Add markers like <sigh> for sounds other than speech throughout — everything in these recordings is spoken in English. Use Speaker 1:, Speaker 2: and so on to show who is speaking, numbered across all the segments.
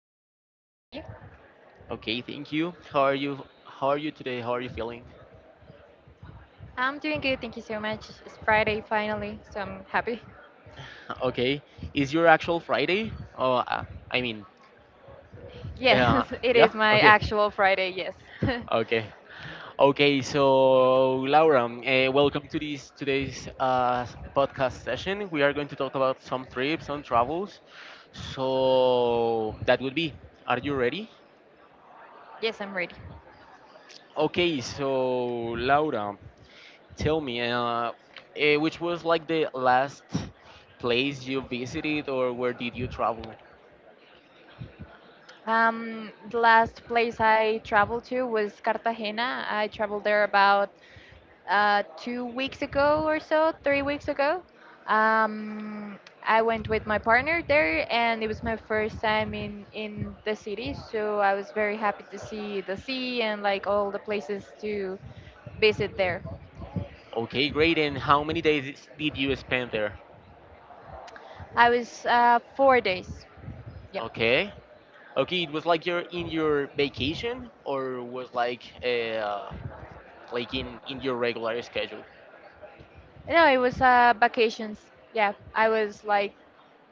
Speaker 1: Hi, yes, I can hear you.
Speaker 2: Okay, thank you. How are you? How are you today? How are you feeling?
Speaker 1: I'm doing good, thank you so much. It's Friday finally, so I'm happy. <laughs>
Speaker 2: <laughs> Okay, is your actual Friday? Oh, uh, I mean, uh,
Speaker 1: Yes, it
Speaker 2: yeah.
Speaker 1: is my
Speaker 2: Okay,
Speaker 1: actual Friday, yes. <laughs>
Speaker 2: okay, okay. So Laura, welcome to this today's podcast session. We are going to talk about some trips, some travels. So that would be. Are you ready?
Speaker 1: Yes, I'm ready.
Speaker 2: Okay, so Laura. Tell me, which was like the last place you visited or where did you travel?
Speaker 1: The last place I traveled to was Cartagena. I traveled there about 2 weeks ago or so, 3 weeks ago. Um, I went with my partner there, and it was my first time in the city, so I was very happy to see the sea and like all the places to visit there.
Speaker 2: Okay, great. And how many days did you spend there?
Speaker 1: I was 4 days. Yep.
Speaker 2: Okay. Okay, it was like you're in your vacation or was like like in your regular schedule?
Speaker 1: No, it was vacations. Yeah, I was like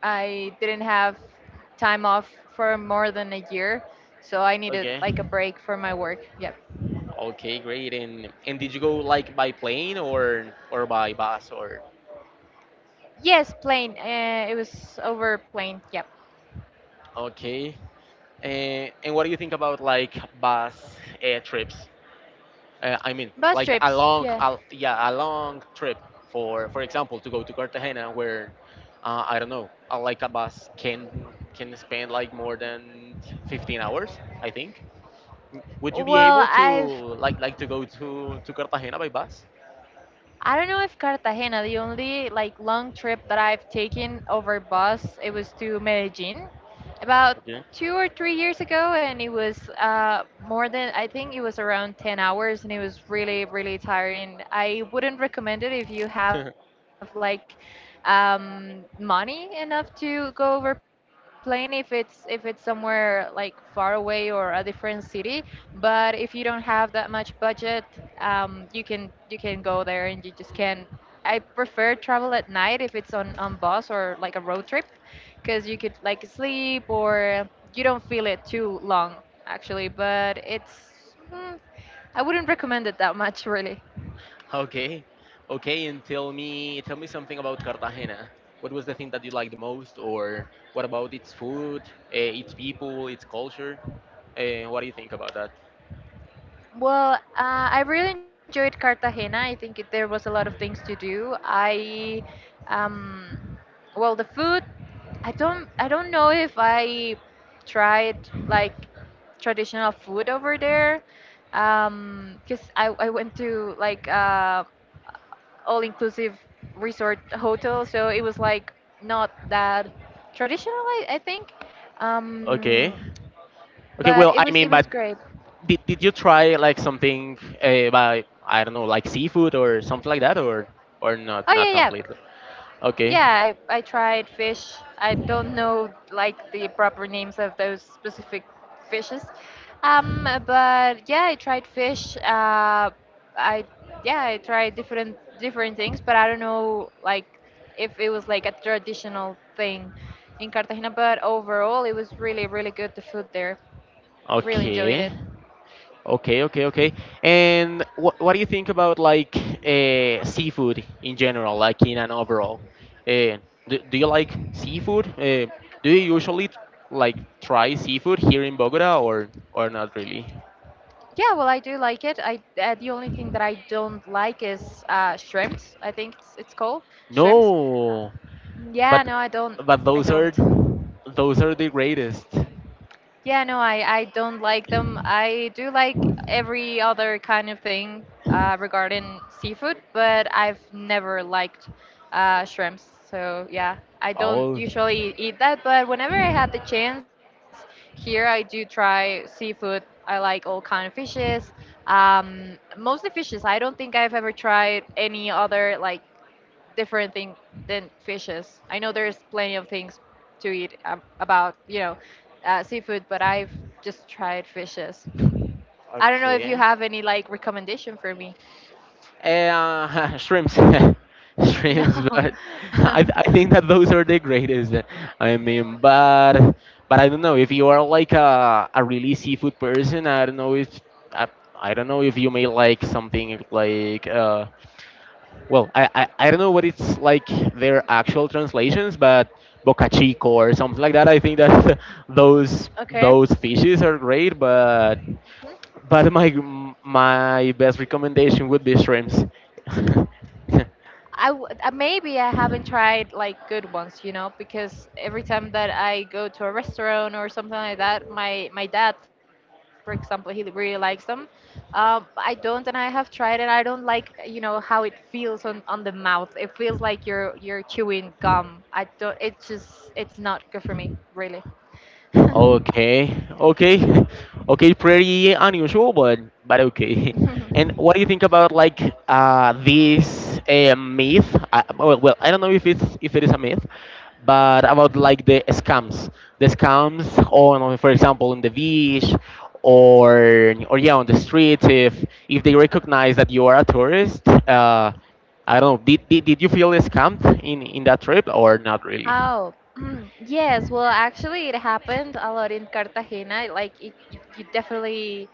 Speaker 1: I didn't have time off for more than a year, so I needed
Speaker 2: Okay.
Speaker 1: like a break for my work. Yep.
Speaker 2: Okay, great. And did you go like by plane or by bus or
Speaker 1: Yes, plane. It was over plane. Yep.
Speaker 2: okay? And what do you think about like bus trips? I mean,
Speaker 1: Bus
Speaker 2: like a
Speaker 1: trips.
Speaker 2: long,
Speaker 1: Yeah.
Speaker 2: a, yeah, a long trip for example, to go to Cartagena, where I don't know, like a bus can spend like more than 15 hours, I think. Would you be
Speaker 1: Well,
Speaker 2: able to
Speaker 1: I've
Speaker 2: like to go to Cartagena by bus?
Speaker 1: I don't know if Cartagena, the only like long trip that I've taken over bus, it was to Medellin about
Speaker 2: Okay.
Speaker 1: 2 or 3 years ago, and it was more than I think it was around 10 hours, and it was really, really tiring. I wouldn't recommend it if you have
Speaker 2: <laughs>
Speaker 1: like money enough to go over plane if it's somewhere like far away or a different city. But if you don't have that much budget, you can go there and you just can. I prefer travel at night if it's on bus or like a road trip, because you could like sleep or you don't feel it too long actually. But I wouldn't recommend it that much <laughs> really.
Speaker 2: okay. Okay, and tell me something about Cartagena. What was the thing that you liked the most, or what about its food, its people, its culture? What do you think about that?
Speaker 1: Well, I really enjoyed Cartagena. I think there was a lot of things to do. Um, well, the food I don't know if I tried like traditional food over there. 'Cause I went to like all-inclusive resort hotel, so it was like not that traditional, I think.
Speaker 2: Okay.
Speaker 1: Um,
Speaker 2: Okay, well,
Speaker 1: but it
Speaker 2: I
Speaker 1: was
Speaker 2: mean,
Speaker 1: it
Speaker 2: but
Speaker 1: was great.
Speaker 2: did you try like something by I don't know, like seafood or something like that, or not
Speaker 1: Oh
Speaker 2: not
Speaker 1: yeah, yeah.
Speaker 2: completely? Okay,
Speaker 1: Yeah, I tried fish. I don't know like the proper names of those specific fishes. But yeah, I tried fish. I Yeah, I tried different things, but I don't know like if it was like a traditional thing in Cartagena. But overall, it was really really good. The food there, I really enjoyed
Speaker 2: okay,
Speaker 1: it.
Speaker 2: okay, okay, okay. And what do you think about like seafood in general, like in an overall? Uh, do you like seafood? Do you usually like try seafood here in Bogota or not really?
Speaker 1: Yeah, well, I do like it. I The only thing that I don't like is shrimps. I think it's called shrimps.
Speaker 2: No,
Speaker 1: Yeah,
Speaker 2: but
Speaker 1: no, I don't.
Speaker 2: but
Speaker 1: I don't.
Speaker 2: those are the greatest.
Speaker 1: Yeah, no, I don't like them. I do like every other kind of thing regarding seafood, but I've never liked shrimps. So, yeah, I don't
Speaker 2: Oh,
Speaker 1: usually eat that, but whenever I had the chance here, I do try seafood. I like all kind of fishes, mostly fishes. I don't think I've ever tried any other like different thing than fishes. I know there's plenty of things to eat about, seafood, but I've just tried fishes. I don't know if you
Speaker 2: okay.
Speaker 1: have any like recommendation for me. <laughs>
Speaker 2: <laughs> Shrimps, <laughs> shrimps.
Speaker 1: No.
Speaker 2: But
Speaker 1: <laughs>
Speaker 2: I think that those are the greatest. I mean, but I don't know if you are like a really seafood person. I don't know if I, I don't know if you may like something like well I don't know what it's like their actual translations, but boca chico or something like that. I think that <laughs>
Speaker 1: Okay.
Speaker 2: those fishes are great, but. But my best recommendation would be shrimps. <laughs>
Speaker 1: Maybe I haven't tried like good ones, you know, because every time that I go to a restaurant or something like that, my dad, for example, he really likes them. I don't, and I have tried it. I don't like, you know, how it feels on the mouth. It feels like you're chewing gum. I don't. It's just it's not good for me, really. <laughs>
Speaker 2: Okay, okay, <laughs> okay. Pretty unusual, but okay. <laughs> And what do you think about like this myth? Well, well, I don't know if it's if it is a myth, but about like the scams on, for example, on the beach, or yeah, on the streets. If they recognize that you are a tourist, I don't know. Did you feel scammed in that trip or not really?
Speaker 1: Oh, <clears throat> yes. Well, actually, it happened a lot in Cartagena. Like, you definitely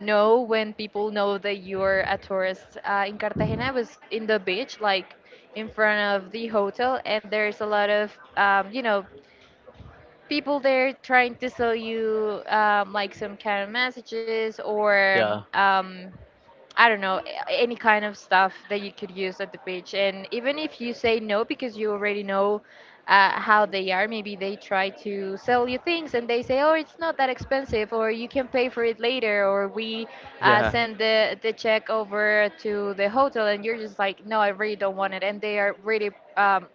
Speaker 1: know when people know that you're a tourist. In Cartagena, I was in the beach, like in front of the hotel, and there's a lot of, you know, people there trying to sell you like some kind of messages or
Speaker 2: Yeah,
Speaker 1: um, I don't know, any kind of stuff that you could use at the beach. And even if you say no because you already know how they are, maybe they try to sell you things and they say, oh, it's not that expensive, or you can pay for it later, or we
Speaker 2: yeah,
Speaker 1: send the check over to the hotel. And you're just like, no, I really don't want it. And they are really um,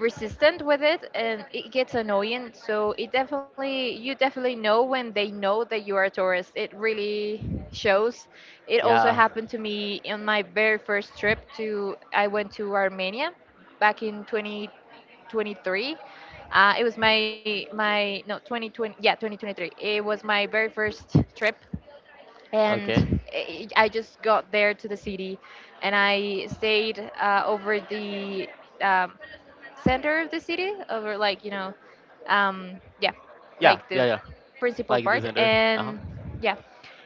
Speaker 1: resistant with it, and it gets annoying. So it definitely, you definitely know when they know that you are a tourist. It really shows. It also
Speaker 2: yeah.
Speaker 1: happened to me in my very first trip to I went to Armenia back in 2023 uh, it was my my no 2020, yeah, 2023, it was my very first trip,
Speaker 2: Okay.
Speaker 1: and I just got there to the city, and I stayed over the um, center of the city over like yeah,
Speaker 2: Yeah,
Speaker 1: like
Speaker 2: yeah,
Speaker 1: the
Speaker 2: yeah.
Speaker 1: principal
Speaker 2: Like the
Speaker 1: part.
Speaker 2: center. Uh huh.
Speaker 1: And yeah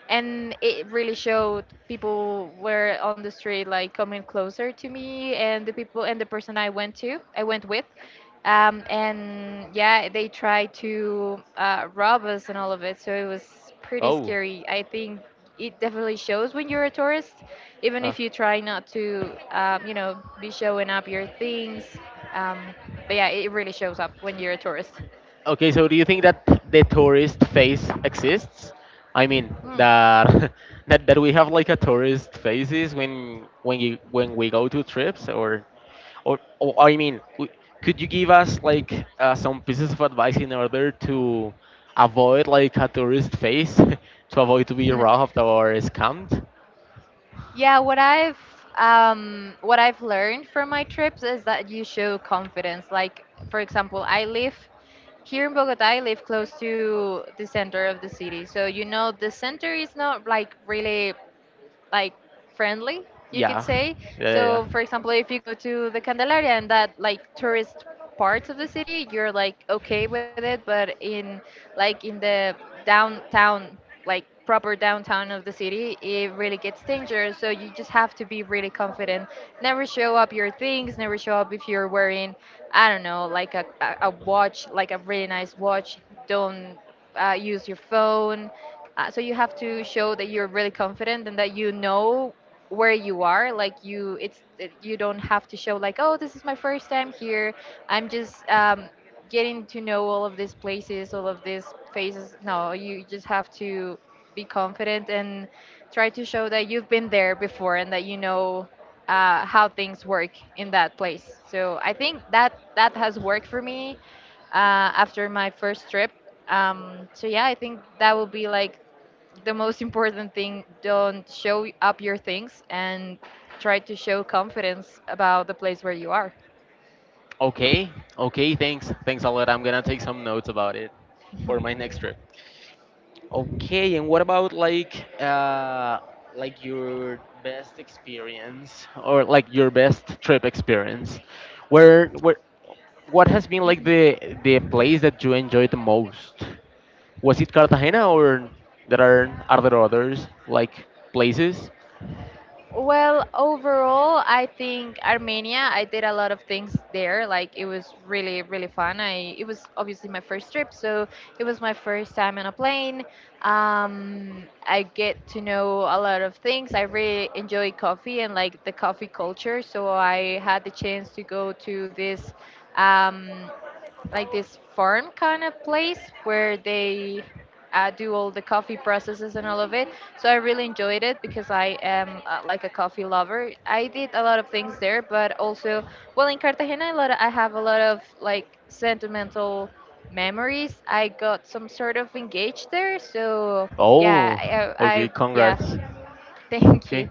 Speaker 1: and it really showed. People were on the street like coming closer to me and the people and the person I went with, and yeah, they tried to rob us and all of it, so it was pretty
Speaker 2: Oh.
Speaker 1: scary. I think it definitely shows when you're a tourist, even
Speaker 2: Uh,
Speaker 1: if you try not to, you know, be showing up your things. Um, but yeah, it really shows up when you're a tourist.
Speaker 2: okay. So, do you think that the tourist face exists? I mean
Speaker 1: Hmm.
Speaker 2: that <laughs> that that we have like a tourist faces when you when we go to trips or I mean, could you give us like some pieces of advice in order to avoid like a tourist face <laughs> to avoid to be
Speaker 1: <laughs>
Speaker 2: robbed or scammed?
Speaker 1: Yeah, what I've learned from my trips is that you show confidence. Like, for example, I live here in Bogota. I live close to the center of the city, so you know the center is not like really like friendly, you could
Speaker 2: Yeah.
Speaker 1: say.
Speaker 2: Yeah. Yeah. Yeah.
Speaker 1: So for example, if you go to the Candelaria and that like tourist parts of the city, you're like okay with it. But in like in the downtown, like proper downtown of the city, it really gets dangerous. So you just have to be really confident. Never show up your things. Never show up if you're wearing, I don't know, like a watch, like a really nice watch. Don't use your phone. So you have to show that you're really confident and that you know where you are. Like it's you don't have to show like, oh, this is my first time here. I'm just getting to know all of these places, all of these faces. No, you just have to be confident and try to show that you've been there before and that you know how things work in that place. So I think that that has worked for me after my first trip. So yeah, I think that will be like the most important thing. Don't show up your things, and try to show confidence about the place where you are.
Speaker 2: Okay, okay, thanks. Thanks a lot. I'm gonna take some notes about it for
Speaker 1: <laughs>
Speaker 2: my next trip. Okay, and what about like your best experience or like your best trip experience? Where what has been like the place that you enjoyed the most? Was it Cartagena or there are there others like places?
Speaker 1: Well, overall, I think Armenia. I did a lot of things there. Like, it was really really fun. I It was obviously my first trip, so it was my first time on a plane. I get to know a lot of things. I really enjoy coffee and like the coffee culture, so I had the chance to go to this um, like this farm kind of place where they do all the coffee processes and all of it. So I really enjoyed it because I am like a coffee lover. I did a lot of things there, but also, well, in Cartagena, a lot I have a lot of like sentimental memories. I got some sort of engaged there, so yeah,
Speaker 2: Oh, okay,
Speaker 1: I
Speaker 2: congrats.
Speaker 1: yeah, <laughs> thank
Speaker 2: Okay.
Speaker 1: you.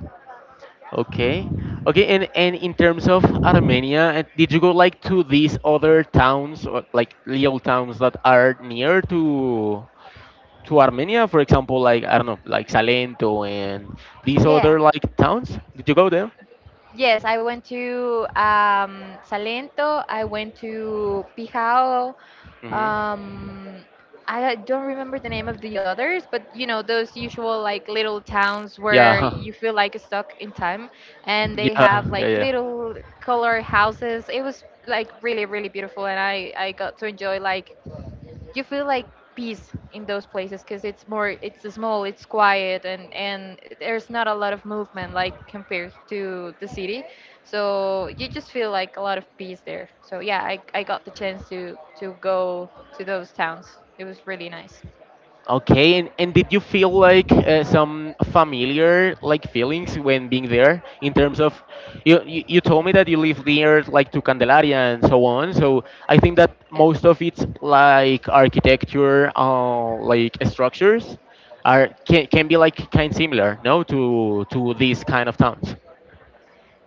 Speaker 2: Okay. Okay, and in terms of Armenia, did you go like to these other towns, or, like little towns that are near to Armenia? For example, like I don't know, like Salento and these other
Speaker 1: Yeah.
Speaker 2: like towns. Did you go there?
Speaker 1: Yes, I went to Salento. I went to Pijao.
Speaker 2: Hmm.
Speaker 1: um I don't remember the name of the others, but you know those usual like little towns where
Speaker 2: Yeah. <laughs>
Speaker 1: you feel like stuck in time, and they
Speaker 2: Yeah.
Speaker 1: have
Speaker 2: Yeah.
Speaker 1: like
Speaker 2: Yeah.
Speaker 1: little color houses. It was like really really beautiful, and I got to enjoy like you feel like peace in those places because it's more, it's small, it's quiet, and there's not a lot of movement like compared to the city. So you just feel like a lot of peace there. So yeah, I got the chance to go to those towns. It was really nice.
Speaker 2: Okay, and did you feel like some familiar like feelings when being there in terms of you, you told me that you live near like to Candelaria and so on. So I think that
Speaker 1: Yeah.
Speaker 2: most of its like architecture like structures are can be like kind similar, no, to these kind of towns.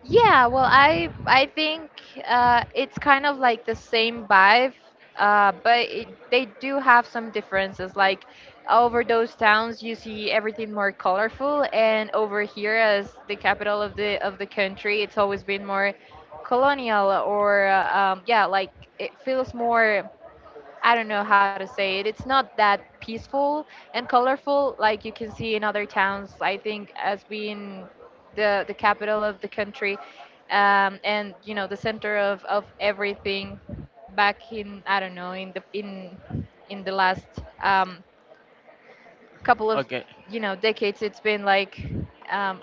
Speaker 1: Yeah, well, I think it's kind of like the same vibe, but they do have some differences. Like over those towns, you see everything more colorful, and over here, as the capital of the country, it's always been more colonial, or yeah, like it feels more. I don't know how to say it. It's not that peaceful and colorful like you can see in other towns. I think as being the capital of the country, and you know the center of everything. Back in, I don't know, in the last um, couple of,
Speaker 2: Okay,
Speaker 1: you know, decades, it's been um,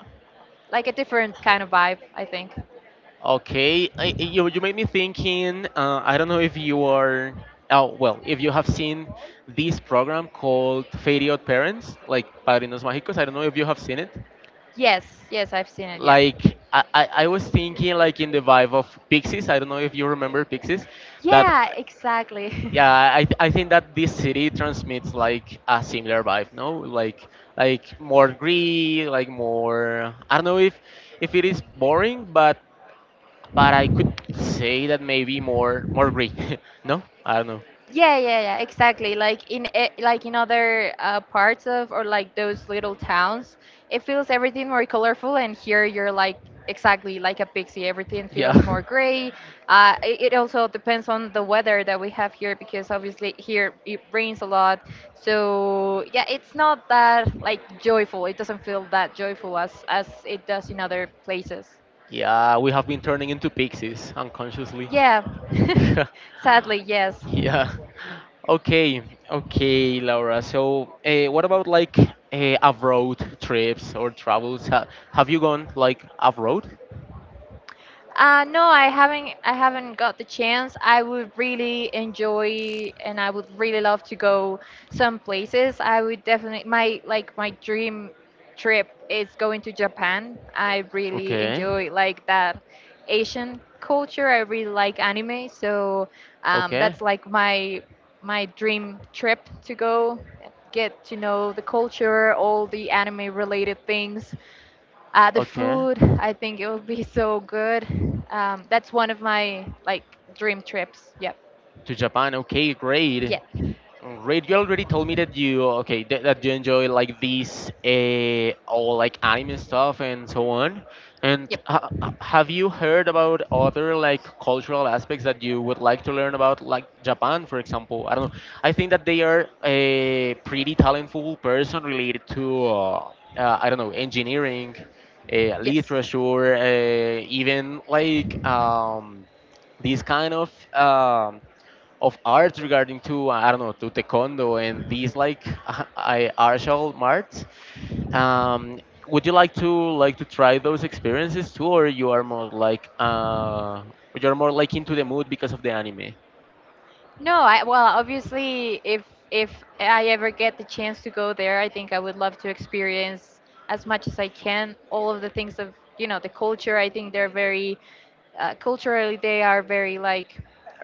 Speaker 1: like a different kind of vibe, I think.
Speaker 2: okay, you you made me thinking. I don't know if you are. Oh well, if you have seen this program called Fade Out Parents, like Padrinos Mágicos. I don't know if you have seen it.
Speaker 1: Yes, yes, I've seen it. Yeah.
Speaker 2: Like I was thinking like in the vibe of Pixies. I don't know if you remember Pixies. That
Speaker 1: Yeah, exactly.
Speaker 2: yeah,
Speaker 1: <laughs>
Speaker 2: I think that this city transmits like a similar vibe. No, like more greed, like more. I don't know if it is boring, but I could say that maybe more gray. <laughs> no, I don't know.
Speaker 1: Yeah, yeah, yeah, exactly. Like in other parts of or like those little towns, it feels everything more colorful. And here you're like exactly like a pixie. Everything
Speaker 2: Yeah,
Speaker 1: feels more gray. It also depends on the weather that we have here because obviously here it rains a lot. So yeah, it's not that like joyful. It doesn't feel that joyful as it does in other places.
Speaker 2: <laughs> yeah, we have been turning into pixies unconsciously.
Speaker 1: Yeah,
Speaker 2: <laughs>
Speaker 1: <laughs> sadly, yes.
Speaker 2: Yeah. Okay, okay, Laura. So, what about like off-road trips or travels? Have you gone like off-road?
Speaker 1: No, I haven't. I haven't got the chance. I would really enjoy, and I would really love to go some places. I would definitely my like my dream trip is going to Japan. I really
Speaker 2: Okay,
Speaker 1: enjoy like that Asian culture. I really like anime, so
Speaker 2: okay,
Speaker 1: that's like my dream trip to go get to know the culture, all the anime related things. The
Speaker 2: okay.
Speaker 1: food, I think it will be so good. That's one of my like dream trips. Yep.
Speaker 2: To Japan. Okay, great.
Speaker 1: Yeah.
Speaker 2: Right, you already told me that you okay that, that you enjoy like these all like anime stuff and so on. And
Speaker 1: Yep.
Speaker 2: have you heard about other like cultural aspects that you would like to learn about, like Japan, for example? I don't know. I think that they are a pretty talentful person related to I don't know engineering,
Speaker 1: Yes.
Speaker 2: literature, even like these kind of art regarding to I don't know to taekwondo and these like <laughs> I martial arts. Um, would you like to to try those experiences too, or you are more like you're more like into the mood because of the anime?
Speaker 1: No, I well, obviously, if I ever get the chance to go there, I think I would love to experience as much as I can all of the things of you know the culture. I think they're very culturally they are very like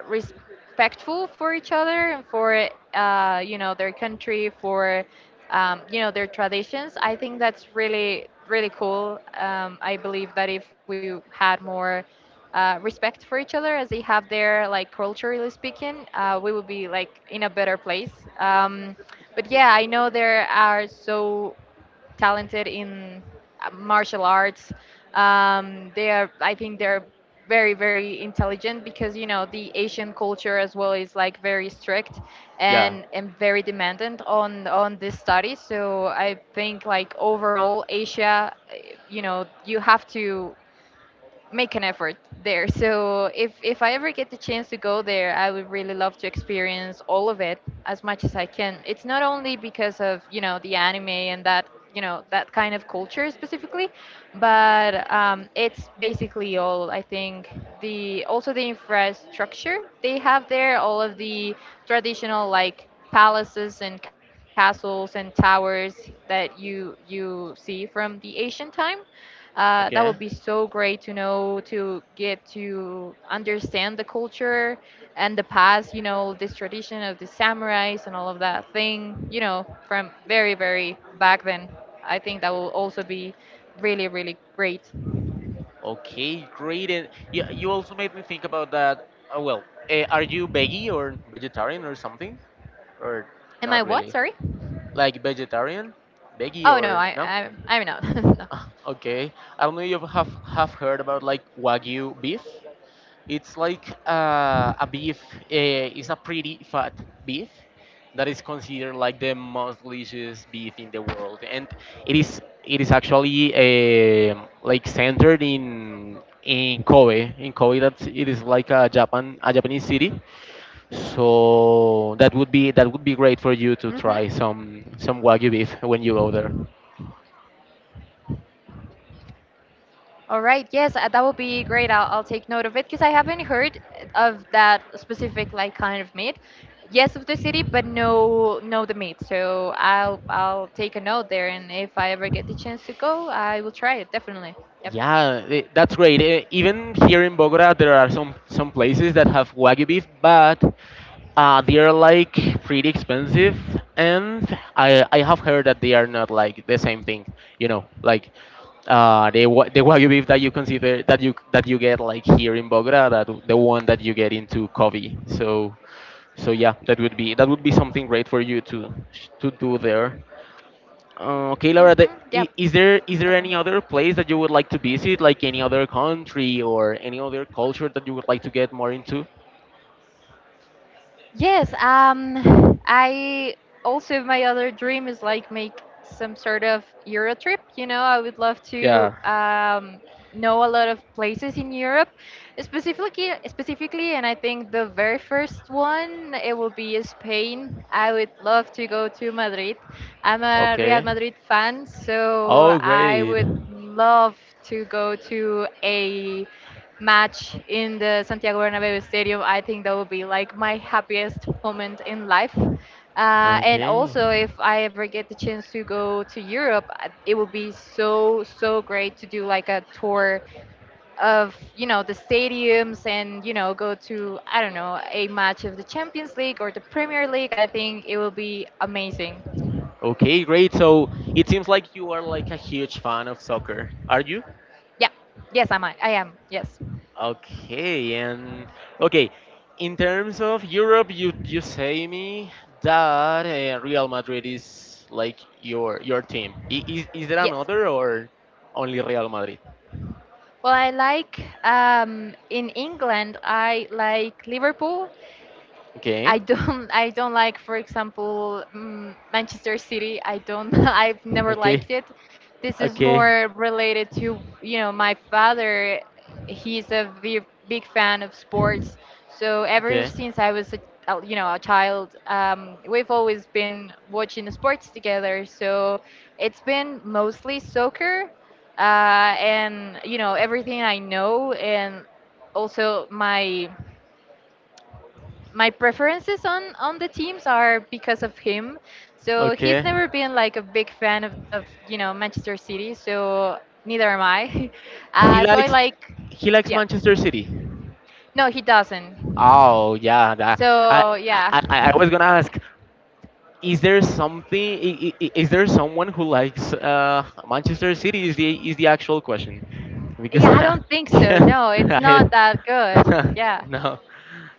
Speaker 1: respectful for each other and for you know their country for you know their traditions. I think that's really really cool. I believe that if we had more respect for each other as they have there like culturally speaking, we would be like in a better place. um, but yeah, I know there are so talented in martial arts. They are, I think, they're very, very intelligent because you know the Asian culture as well is like very strict
Speaker 2: Yeah.
Speaker 1: and very demandant on this study. So I think like overall Asia, you know, you have to make an effort there. So if I ever get the chance to go there, I would really love to experience all of it as much as I can. It's not only because of you know the anime and that you know that kind of culture specifically, but it's basically all. I think the also the infrastructure they have there, all of the traditional like palaces and castles and towers that you see from the ancient time, that would
Speaker 2: Okay.
Speaker 1: be so great to know to get to understand the culture and the past, you know, this tradition of the samurais and all of that thing, you know, from very, very back then. I think that will also be really, really great.
Speaker 2: Okay. Great. And yeah, you also made me think about that. Oh, well, are you veggie or vegetarian or something, or
Speaker 1: Am I
Speaker 2: not
Speaker 1: what?
Speaker 2: really?
Speaker 1: Sorry?
Speaker 2: Like vegetarian, veggie
Speaker 1: Oh no,
Speaker 2: or
Speaker 1: I,
Speaker 2: no?
Speaker 1: I I'm not. <laughs> No.
Speaker 2: <laughs> Ah, okay. I don't know if you have heard about like Wagyu beef. It's like a beef, it's a pretty fat beef that is considered like the most delicious beef in the world. And it is actually like centered in Kobe. In Kobe that it is like a Japan a Japanese city. So that would be great
Speaker 1: Hmm.
Speaker 2: for you to try some Wagyu beef when you go there.
Speaker 1: All right, yes, that would be great. I'll take note of it because I haven't heard of that specific like kind of meat. Yes, of the city, but no, no the meat. So I'll take a note there, and if I ever get the chance to go, I will try it definitely. Yep.
Speaker 2: Yeah, that's great. Eh, even here in Bogota, there are some places that have wagyu beef, but they are like pretty expensive, and I have heard that they are not like the same thing. You know, like the wagyu beef that you consider that you get like here in Bogota, that the one that you get into Covey. So so yeah, that would be something great for you to do there. Okay, Laura,
Speaker 1: Mhm. Yep.
Speaker 2: is there any
Speaker 1: Definitely.
Speaker 2: other place that you would like to visit, like any other country or any other culture that you would like to get more into?
Speaker 1: Yes, I also my other dream is like make some sort of Euro trip. You know, I would love to
Speaker 2: Yeah.
Speaker 1: know a lot of places in Europe, specifically, and I think the very first one it will be Spain. I would love to go to Madrid. I'm a Real
Speaker 2: Okay.
Speaker 1: Madrid fan, so
Speaker 2: Oh,
Speaker 1: I
Speaker 2: great.
Speaker 1: would love to go to a match in the Santiago Bernabeu Stadium. I think that would be like my happiest moment in life. And
Speaker 2: Okay.
Speaker 1: also, if I ever get the chance to go to Europe, it would be so, so great to do like a tour of, you know, the stadiums and, you know, go to, I don't know, a match of the Champions League or the Premier League. I think it will be amazing.
Speaker 2: Okay, great. So it seems like you are like a huge fan of soccer. Are you?
Speaker 1: Yeah. Yes, I might. I am. Yes.
Speaker 2: Okay, and okay. In terms of Europe, you say me that Real Madrid is like your team. Is there
Speaker 1: Yes.
Speaker 2: another or only Real Madrid?
Speaker 1: Well, I like in England. I like Liverpool.
Speaker 2: Okay,
Speaker 1: I don't <laughs> I don't like, for example, Manchester City. I don't <laughs> I've never
Speaker 2: okay,
Speaker 1: liked it. This is
Speaker 2: okay,
Speaker 1: more related to you know my father. He's a big, big fan of sports. So ever
Speaker 2: okay,
Speaker 1: since I was a you know a child, we've always been watching the sports together. So it's been mostly soccer. And you know everything I know, and also my preferences on the teams are because of him. So he's
Speaker 2: okay.
Speaker 1: never been like a big fan of you know Manchester City. So neither am I. <laughs>
Speaker 2: He
Speaker 1: Uh, so I
Speaker 2: likes
Speaker 1: like,
Speaker 2: he likes
Speaker 1: yeah.
Speaker 2: Manchester City.
Speaker 1: No, he doesn't.
Speaker 2: Oh yeah, that, I,
Speaker 1: So
Speaker 2: I
Speaker 1: yeah,
Speaker 2: I was gonna ask, is there something? Is there someone who likes Manchester City? Is the actual question?
Speaker 1: <laughs>
Speaker 2: Because
Speaker 1: yeah. I don't
Speaker 2: <laughs>
Speaker 1: think so.
Speaker 2: yeah,
Speaker 1: No, it's
Speaker 2: I,
Speaker 1: not that good.
Speaker 2: <laughs>
Speaker 1: Yeah.
Speaker 2: no,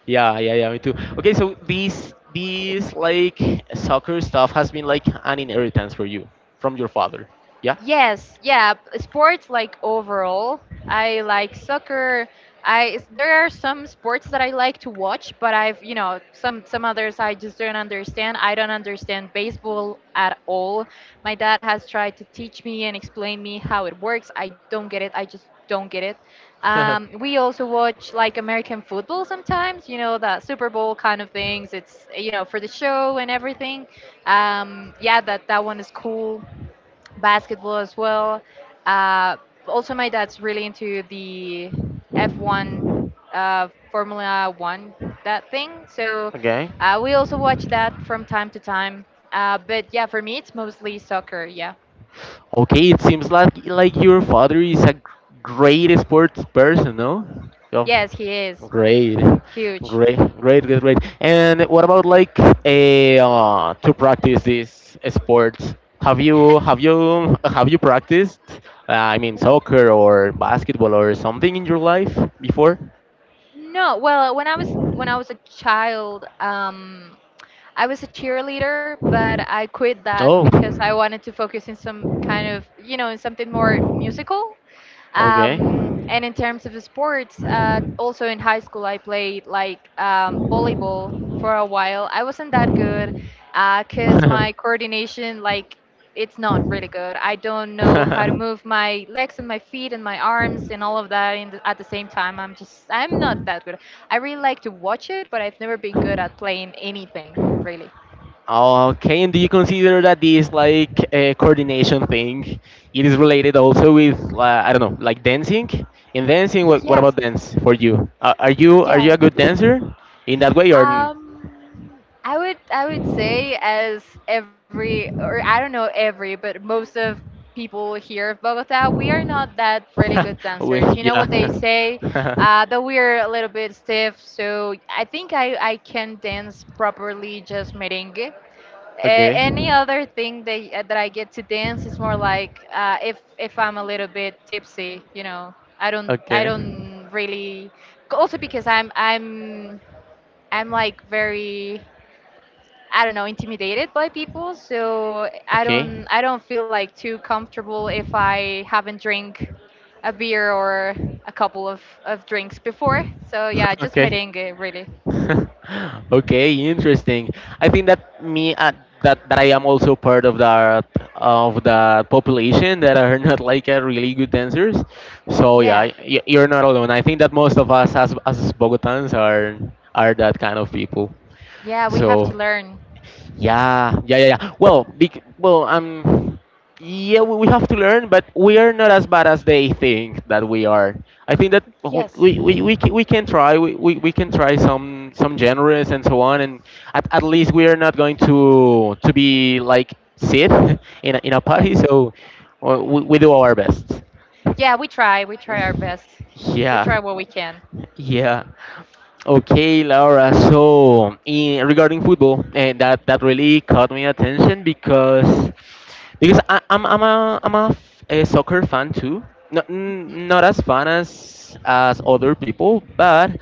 Speaker 2: yeah, yeah, yeah, me too. Okay, so these like soccer stuff has been like an inheritance for you from your father. Yeah.
Speaker 1: Yes, yeah, sports like overall. I like soccer. There are some sports that I like to watch, but I've, you know, some others I just don't understand. I don't understand baseball at all. My dad has tried to teach me and explain me how it works. I don't get it. I just don't get it.
Speaker 2: <laughs>
Speaker 1: We also watch like American football sometimes, you know, the Super Bowl kind of things. It's, you know, for the show and everything. Yeah, that that one is cool, basketball as well. Uh, Also, my dad's really into the F1, Formula One, that thing. So
Speaker 2: okay.
Speaker 1: we also watch that from time to time. But yeah, for me, it's mostly soccer. Yeah.
Speaker 2: Okay, it seems like your father is a great sports person, no? Yeah.
Speaker 1: Yes, he is
Speaker 2: Great.
Speaker 1: huge.
Speaker 2: Great, great, great, great. And what about like a to practice this sports?
Speaker 1: <laughs>
Speaker 2: Have you practiced? I mean, soccer or basketball or something in your life before?
Speaker 1: No, well, when I was a child, I was a cheerleader, but I quit that
Speaker 2: Oh,
Speaker 1: because I wanted to focus in some kind of, you know, in something more musical.
Speaker 2: okay.
Speaker 1: And in terms of sports, also in high school, I played like volleyball for a while. I wasn't that good because my coordination, like, it's not really good. I don't know how to move
Speaker 2: <laughs>
Speaker 1: my legs and my feet and my arms and all of that in the, at the same time. I'm just, I'm not that good. I really like to watch it, but I've never been good at playing anything, really.
Speaker 2: Okay, and do you consider that this like coordination thing, it is related also with I don't know, like dancing? In dancing, what
Speaker 1: Yes,
Speaker 2: about dance for you? Are you
Speaker 1: yes.
Speaker 2: a good dancer in that way or?
Speaker 1: Um, I would say as every or I don't know every but most of people here of Bogota, we are not that really good
Speaker 2: <laughs> We,
Speaker 1: dancers. You know what they
Speaker 2: yeah.
Speaker 1: say,
Speaker 2: <laughs>
Speaker 1: that we're a little bit stiff. So I think I can dance properly just merengue.
Speaker 2: okay.
Speaker 1: Any other thing that that I get to dance is more like uh, if I'm a little bit tipsy, you know. I don't I
Speaker 2: Okay.
Speaker 1: don't really also because I'm like very I don't know intimidated by people, so I
Speaker 2: Okay.
Speaker 1: don't I don't feel like too comfortable if I haven't drink a beer or a couple of drinks before. So yeah,
Speaker 2: <laughs>
Speaker 1: just
Speaker 2: okay.
Speaker 1: merengue really.
Speaker 2: <laughs> okay, interesting. I think that me that I am also part of that of the population that are <laughs> not like really good dancers. So
Speaker 1: Yeah.
Speaker 2: yeah, you're not alone. I think that most of us as Bogotans are that kind of people.
Speaker 1: Yeah, we have
Speaker 2: So
Speaker 1: to learn.
Speaker 2: yeah, yeah, yeah, yeah. Well, yeah, we have to learn, but we are not as bad as they think that we are. I think that
Speaker 1: Yes.
Speaker 2: we can try, we can try some genres and so on, and at least we are not going to be like Sid <laughs> in in a
Speaker 1: Yeah.
Speaker 2: party. So we do our best.
Speaker 1: Yeah, we try. We
Speaker 2: <laughs>
Speaker 1: try our best. We
Speaker 2: Yeah.
Speaker 1: try what we can.
Speaker 2: Yeah. Okay, Laura. So, in regarding football, and that really caught my attention because a soccer fan too. Not not as fan as other people, but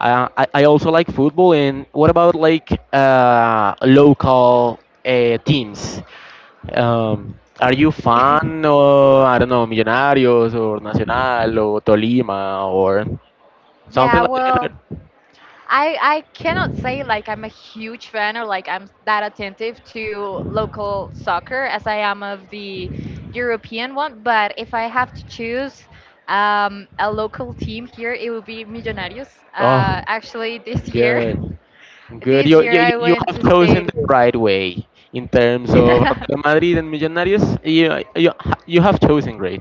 Speaker 2: I also like football. And what about like local teams? Um, are you
Speaker 1: Mhm.
Speaker 2: fan or I don't know, Millonarios or Nacional or Tolima or
Speaker 1: <laughs>
Speaker 2: something
Speaker 1: Yeah,
Speaker 2: like
Speaker 1: well,
Speaker 2: that?
Speaker 1: I cannot say like I'm a huge fan or like I'm that attentive to local soccer as I am of the European one. But if I have to choose a local team here, it would be Millonarios.
Speaker 2: Oh,
Speaker 1: Actually, this year,
Speaker 2: good,
Speaker 1: <laughs>
Speaker 2: good.
Speaker 1: this year I
Speaker 2: You
Speaker 1: went
Speaker 2: have
Speaker 1: to
Speaker 2: chosen
Speaker 1: state.
Speaker 2: the right way in terms of Real
Speaker 1: <laughs>
Speaker 2: Madrid and Millonarios. You have chosen great.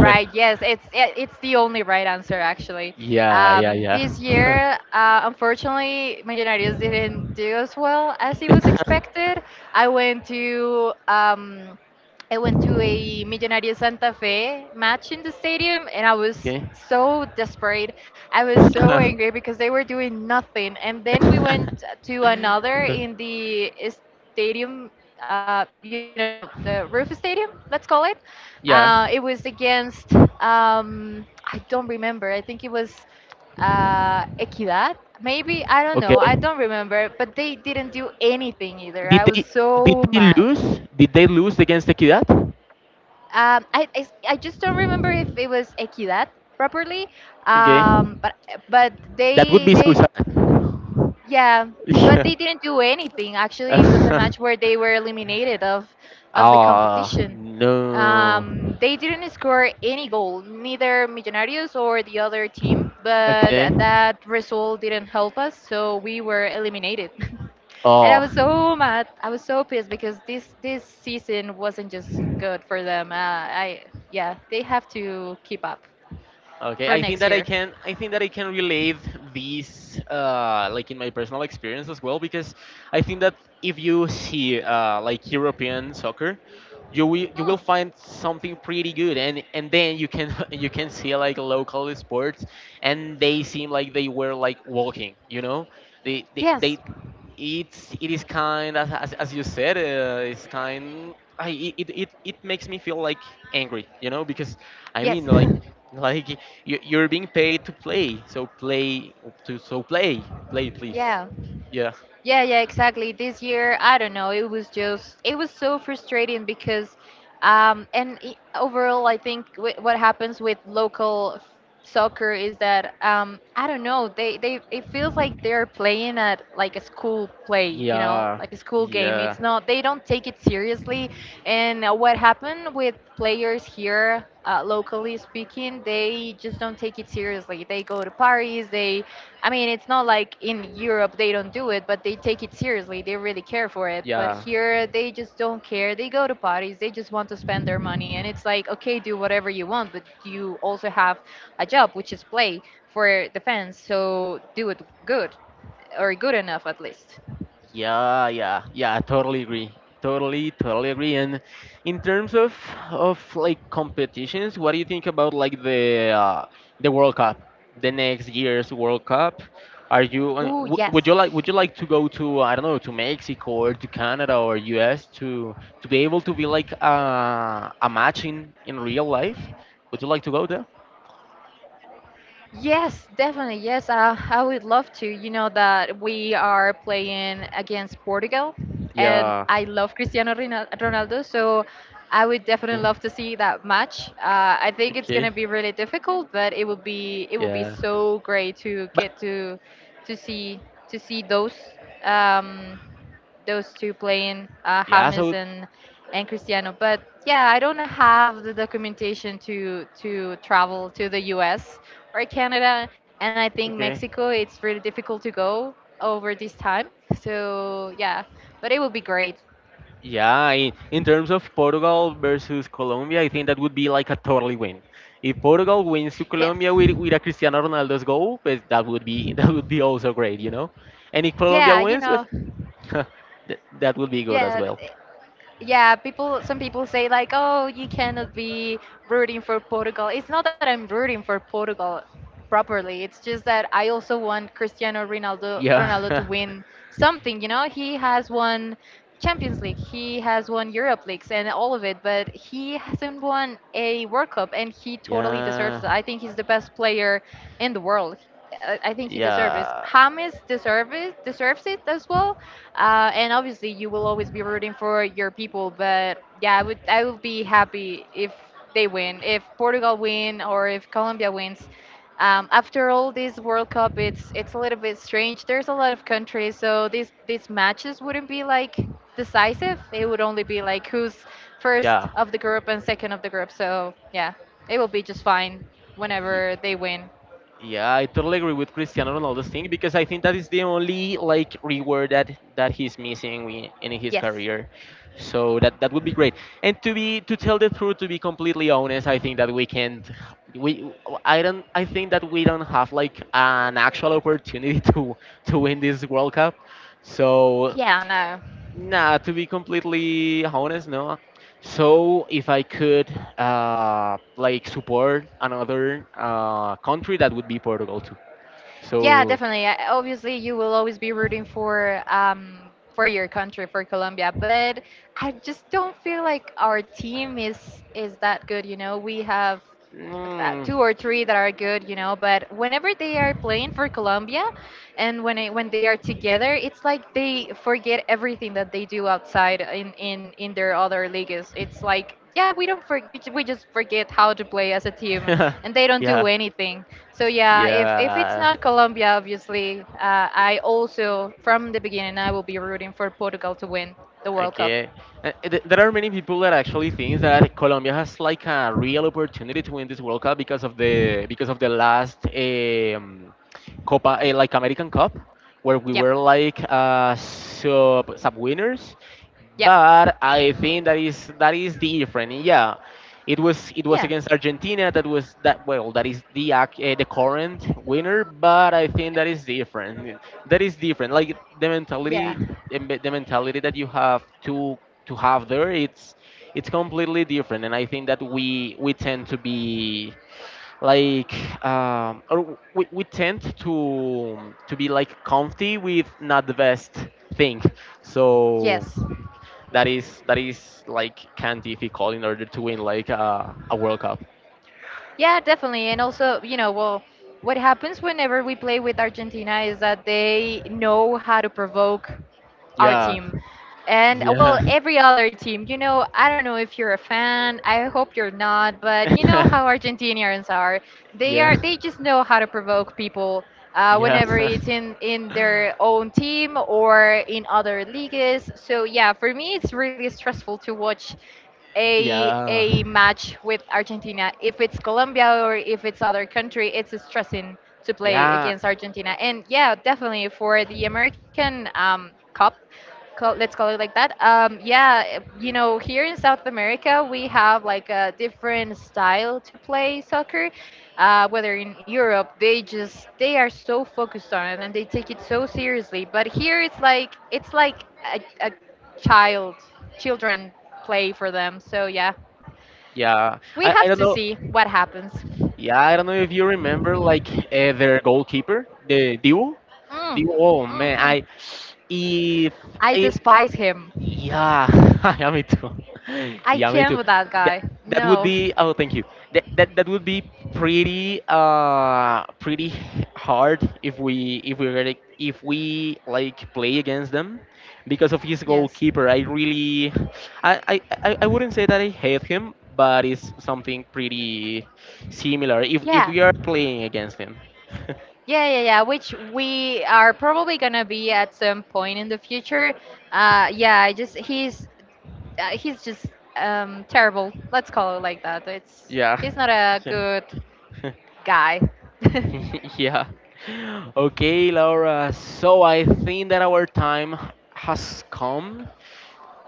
Speaker 1: Right. Yes, it's the only right answer actually.
Speaker 2: yeah, yeah, yeah.
Speaker 1: This year, unfortunately, Millonarios didn't do as well as it was
Speaker 2: <laughs>
Speaker 1: expected. I went to um, I went to a Millonarios Santa Fe match in the stadium, and I was
Speaker 2: Okay.
Speaker 1: so desperate. I was so angry
Speaker 2: <laughs>
Speaker 1: because they were doing nothing. And then we went to another in the stadium, you know, the roof stadium, let's call it. It was
Speaker 2: yeah.
Speaker 1: against I don't remember. I think it was Equidad. Maybe I don't know. I
Speaker 2: Okay.
Speaker 1: don't remember. But they didn't do anything either.
Speaker 2: Did
Speaker 1: I was
Speaker 2: they did
Speaker 1: so
Speaker 2: they
Speaker 1: mad.
Speaker 2: lose? Did they lose against Equidad?
Speaker 1: I I just don't remember if it was Equidad properly.
Speaker 2: Okay.
Speaker 1: Um, but but
Speaker 2: That would be so
Speaker 1: they
Speaker 2: sad. <laughs>
Speaker 1: yeah, but
Speaker 2: Yeah.
Speaker 1: they didn't do anything. Actually, it was a match where
Speaker 2: <laughs>
Speaker 1: they were eliminated of the
Speaker 2: Ah,
Speaker 1: competition.
Speaker 2: no.
Speaker 1: They didn't score any goal, neither Millonarios or the other team. But
Speaker 2: Okay.
Speaker 1: that result didn't help us, so we were eliminated. <laughs> And I was
Speaker 2: Oh,
Speaker 1: so mad. I was so pissed because this season wasn't just good for them. I Yeah, they have to keep up
Speaker 2: okay.
Speaker 1: for
Speaker 2: I think
Speaker 1: next
Speaker 2: that I
Speaker 1: year.
Speaker 2: can. I think that I can relate these, like in my personal experience as well, because I think that if you see like European soccer, you
Speaker 1: Hmm.
Speaker 2: will find something pretty good, and then you can <laughs> you can see like local sports, and they seem like they were like walking. You know, they
Speaker 1: Yes,
Speaker 2: it is kind as you said it's kind I, it makes me feel like angry you know because i
Speaker 1: yes,
Speaker 2: mean like like you, you're being paid to play so play to so play play
Speaker 1: <laughs>
Speaker 2: please
Speaker 1: yeah.
Speaker 2: yeah.
Speaker 1: Yeah, yeah, exactly. This year, I don't know, it was just it was so frustrating because overall I think what happens with local soccer is that I don't know, they it feels like they're playing at like a school play, you know,
Speaker 2: Yeah,
Speaker 1: like a school game.
Speaker 2: yeah,
Speaker 1: It's not they don't take it seriously. And what happened with players here locally speaking, they just don't take it seriously. They go to parties, it's not like in Europe they don't do it, but they take it seriously. They really care for it. But
Speaker 2: yeah.
Speaker 1: here they just don't care. They go to parties. They just want to spend their money. And it's like, okay, do whatever you want, but you also have a job, which is play for the fans. So do it good or good enough at least.
Speaker 2: Yeah, yeah, yeah, totally agree. Totally, totally agree. And in terms of like competitions, what do you think about like the World Cup, the next year's World Cup? Are you
Speaker 1: Ooh, yes.
Speaker 2: would you like to go to I don't know to Mexico or to Canada or US to be able to be like a match in real life? Would you like to go there?
Speaker 1: Yes, definitely. Yes, I would love to. You know that we are playing against Portugal, and
Speaker 2: Yeah.
Speaker 1: I love Ronaldo, so I would definitely
Speaker 2: Okay.
Speaker 1: love to see that match. I think it's
Speaker 2: Okay.
Speaker 1: gonna be really difficult, but it will be
Speaker 2: Yeah.
Speaker 1: so great to
Speaker 2: But
Speaker 1: get to see to see those. Um, those two playing,
Speaker 2: yeah, so
Speaker 1: James and Cristiano. But yeah, I don't have the documentation to travel to the U.S. or Canada, and I think
Speaker 2: okay.
Speaker 1: Mexico. It's really difficult to go over this time. So yeah, but it would be great.
Speaker 2: Yeah, in terms of Portugal versus Colombia, I think that would be like a totally win. If Portugal wins to
Speaker 1: Yes.
Speaker 2: Colombia with a Cristiano Ronaldo's goal, pues, that would be <laughs> that would be also great, you know. And if Colombia
Speaker 1: Yeah, you
Speaker 2: wins, pues,
Speaker 1: know.
Speaker 2: <laughs> that would be good as
Speaker 1: Yeah,
Speaker 2: well.
Speaker 1: yeah, people. Some people say like, "Oh, you cannot be rooting for Portugal." It's not that I'm rooting for Portugal properly. It's just that I also want Cristiano Ronaldo
Speaker 2: Yeah,
Speaker 1: Ronaldo to
Speaker 2: <laughs>
Speaker 1: win something. You know, he has won Champions League, he has won Europe leagues, and all of it, but he hasn't won a World Cup, and he totally deserves
Speaker 2: yeah,
Speaker 1: it. I think he's the best player in the world. I think he deserves it.
Speaker 2: yeah,
Speaker 1: James deserves it, as well, and obviously, you will always be rooting for your people. But yeah, I would be happy if they win, if Portugal win, or if Colombia wins. After all, this World Cup, it's a little bit strange. There's a lot of countries, so these matches wouldn't be like decisive. It would only be like who's first
Speaker 2: yeah.
Speaker 1: of the group and second of the group. So yeah, it will be just fine whenever they win.
Speaker 2: Yeah, I totally agree with Cristiano Ronaldo's thing because I think that is the only like reward that he's missing in his
Speaker 1: Yes.
Speaker 2: career. So that would be great. And to tell the truth, to be completely honest, I think that we can't. We I think that we don't have like an actual opportunity <laughs> to win this World Cup. So
Speaker 1: Yeah. No.
Speaker 2: nah, to be completely honest, no. So if I could like support another country, that would be Portugal too.
Speaker 1: Yeah,
Speaker 2: So,
Speaker 1: definitely. I- Obviously, you will always be rooting for your country, for Colombia, but I just don't feel like our team is that good, you know. We have
Speaker 2: mm,
Speaker 1: two or three that are good, you know. But whenever they are playing for Colombia, and when they are together, it's like they forget everything that they do outside in their other leagues. It's like yeah, we don't for, you ju- we just forget how to play as a team,
Speaker 2: <laughs>
Speaker 1: and they don't do
Speaker 2: yeah,
Speaker 1: anything. So yeah, if it's
Speaker 2: yeah.
Speaker 1: not Colombia, obviously, I also from the beginning I will be rooting for Portugal to win the World Cup.
Speaker 2: Okay. There are many people that actually think that Colombia has like a real opportunity to win this World Cup because of the last Copa like American Cup where we
Speaker 1: Yep,
Speaker 2: were like sub winners,
Speaker 1: yep,
Speaker 2: but I think that is different. Yeah, it was
Speaker 1: yeah,
Speaker 2: against Argentina that was that is the current winner, but I think that is different like the
Speaker 1: yeah,
Speaker 2: mentality that you have to have there it's completely different. And I think that we tend to be like we tend to be like comfy with not the best thing. So
Speaker 1: yes.
Speaker 2: that is like kind of difficult in order to win like a world cup.
Speaker 1: Yeah, definitely. And also, you know, well, what happens whenever we play with Argentina is that they know how to provoke our
Speaker 2: Yeah
Speaker 1: team. And
Speaker 2: yeah
Speaker 1: well, every other team, you know, I don't know if you're a fan. I hope you're not, but you know how
Speaker 2: <laughs>
Speaker 1: Argentinians are.
Speaker 2: yeah
Speaker 1: They just know how to provoke people
Speaker 2: yeah
Speaker 1: whenever
Speaker 2: <laughs>
Speaker 1: it's in their own team or in other leagues. So yeah, for me, it's really stressful to watch a
Speaker 2: yeah.
Speaker 1: a match with Argentina. If it's Colombia or if it's other country, it's stressing to play
Speaker 2: Yeah,
Speaker 1: against Argentina. And yeah, definitely for the American Cup, let's call it like that. Yeah, you know, here in South America, we have like a different style to play soccer whether in Europe, they are so focused on it and they take it so seriously. But here it's like a child, children play for them. So yeah,
Speaker 2: yeah.
Speaker 1: we
Speaker 2: I
Speaker 1: have
Speaker 2: don't
Speaker 1: to
Speaker 2: know.
Speaker 1: see what happens.
Speaker 2: Yeah, I don't know if you remember like their goalkeeper, the Dibu.
Speaker 1: Mm,
Speaker 2: Dibu. Oh man,
Speaker 1: hmm
Speaker 2: I if
Speaker 1: I
Speaker 2: I,
Speaker 1: despise him.
Speaker 2: yeah, <laughs> yeah, me too. <laughs>
Speaker 1: I
Speaker 2: Yeah, me
Speaker 1: can't
Speaker 2: too.
Speaker 1: with that
Speaker 2: That
Speaker 1: guy.
Speaker 2: that would
Speaker 1: No.
Speaker 2: be oh, thank you. That would be pretty pretty hard if we really if we like play against them because of his
Speaker 1: Yes.
Speaker 2: goalkeeper. I I I wouldn't say that I hate him, but it's something pretty similar if
Speaker 1: Yeah.
Speaker 2: we are playing against him. <laughs>
Speaker 1: Yeah, yeah, yeah. Which we are probably gonna be at some point in the future. Yeah. I just he's He's just terrible. Let's call it like that. It's
Speaker 2: Yeah.
Speaker 1: He's not a good
Speaker 2: <laughs>
Speaker 1: guy. <laughs>
Speaker 2: <laughs> yeah. Okay, Laura. So I think that our time has come.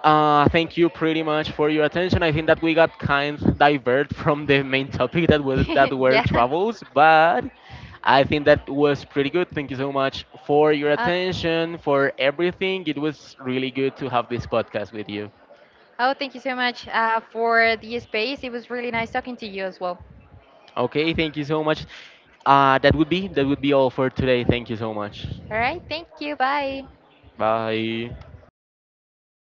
Speaker 2: Thank you pretty much for your attention. I think that we got kind divert from the main topic that was that were
Speaker 1: yeah.
Speaker 2: travels, but I think that was pretty good. Thank you so much for your
Speaker 1: Uh,
Speaker 2: attention, for everything. It was really good to have this podcast with you.
Speaker 1: oh, thank you so much for the space. It was really nice talking to you as well.
Speaker 2: Okay, thank you so much. That would be all for today. Thank you so much.
Speaker 1: All right. Thank you. Bye.
Speaker 2: Bye.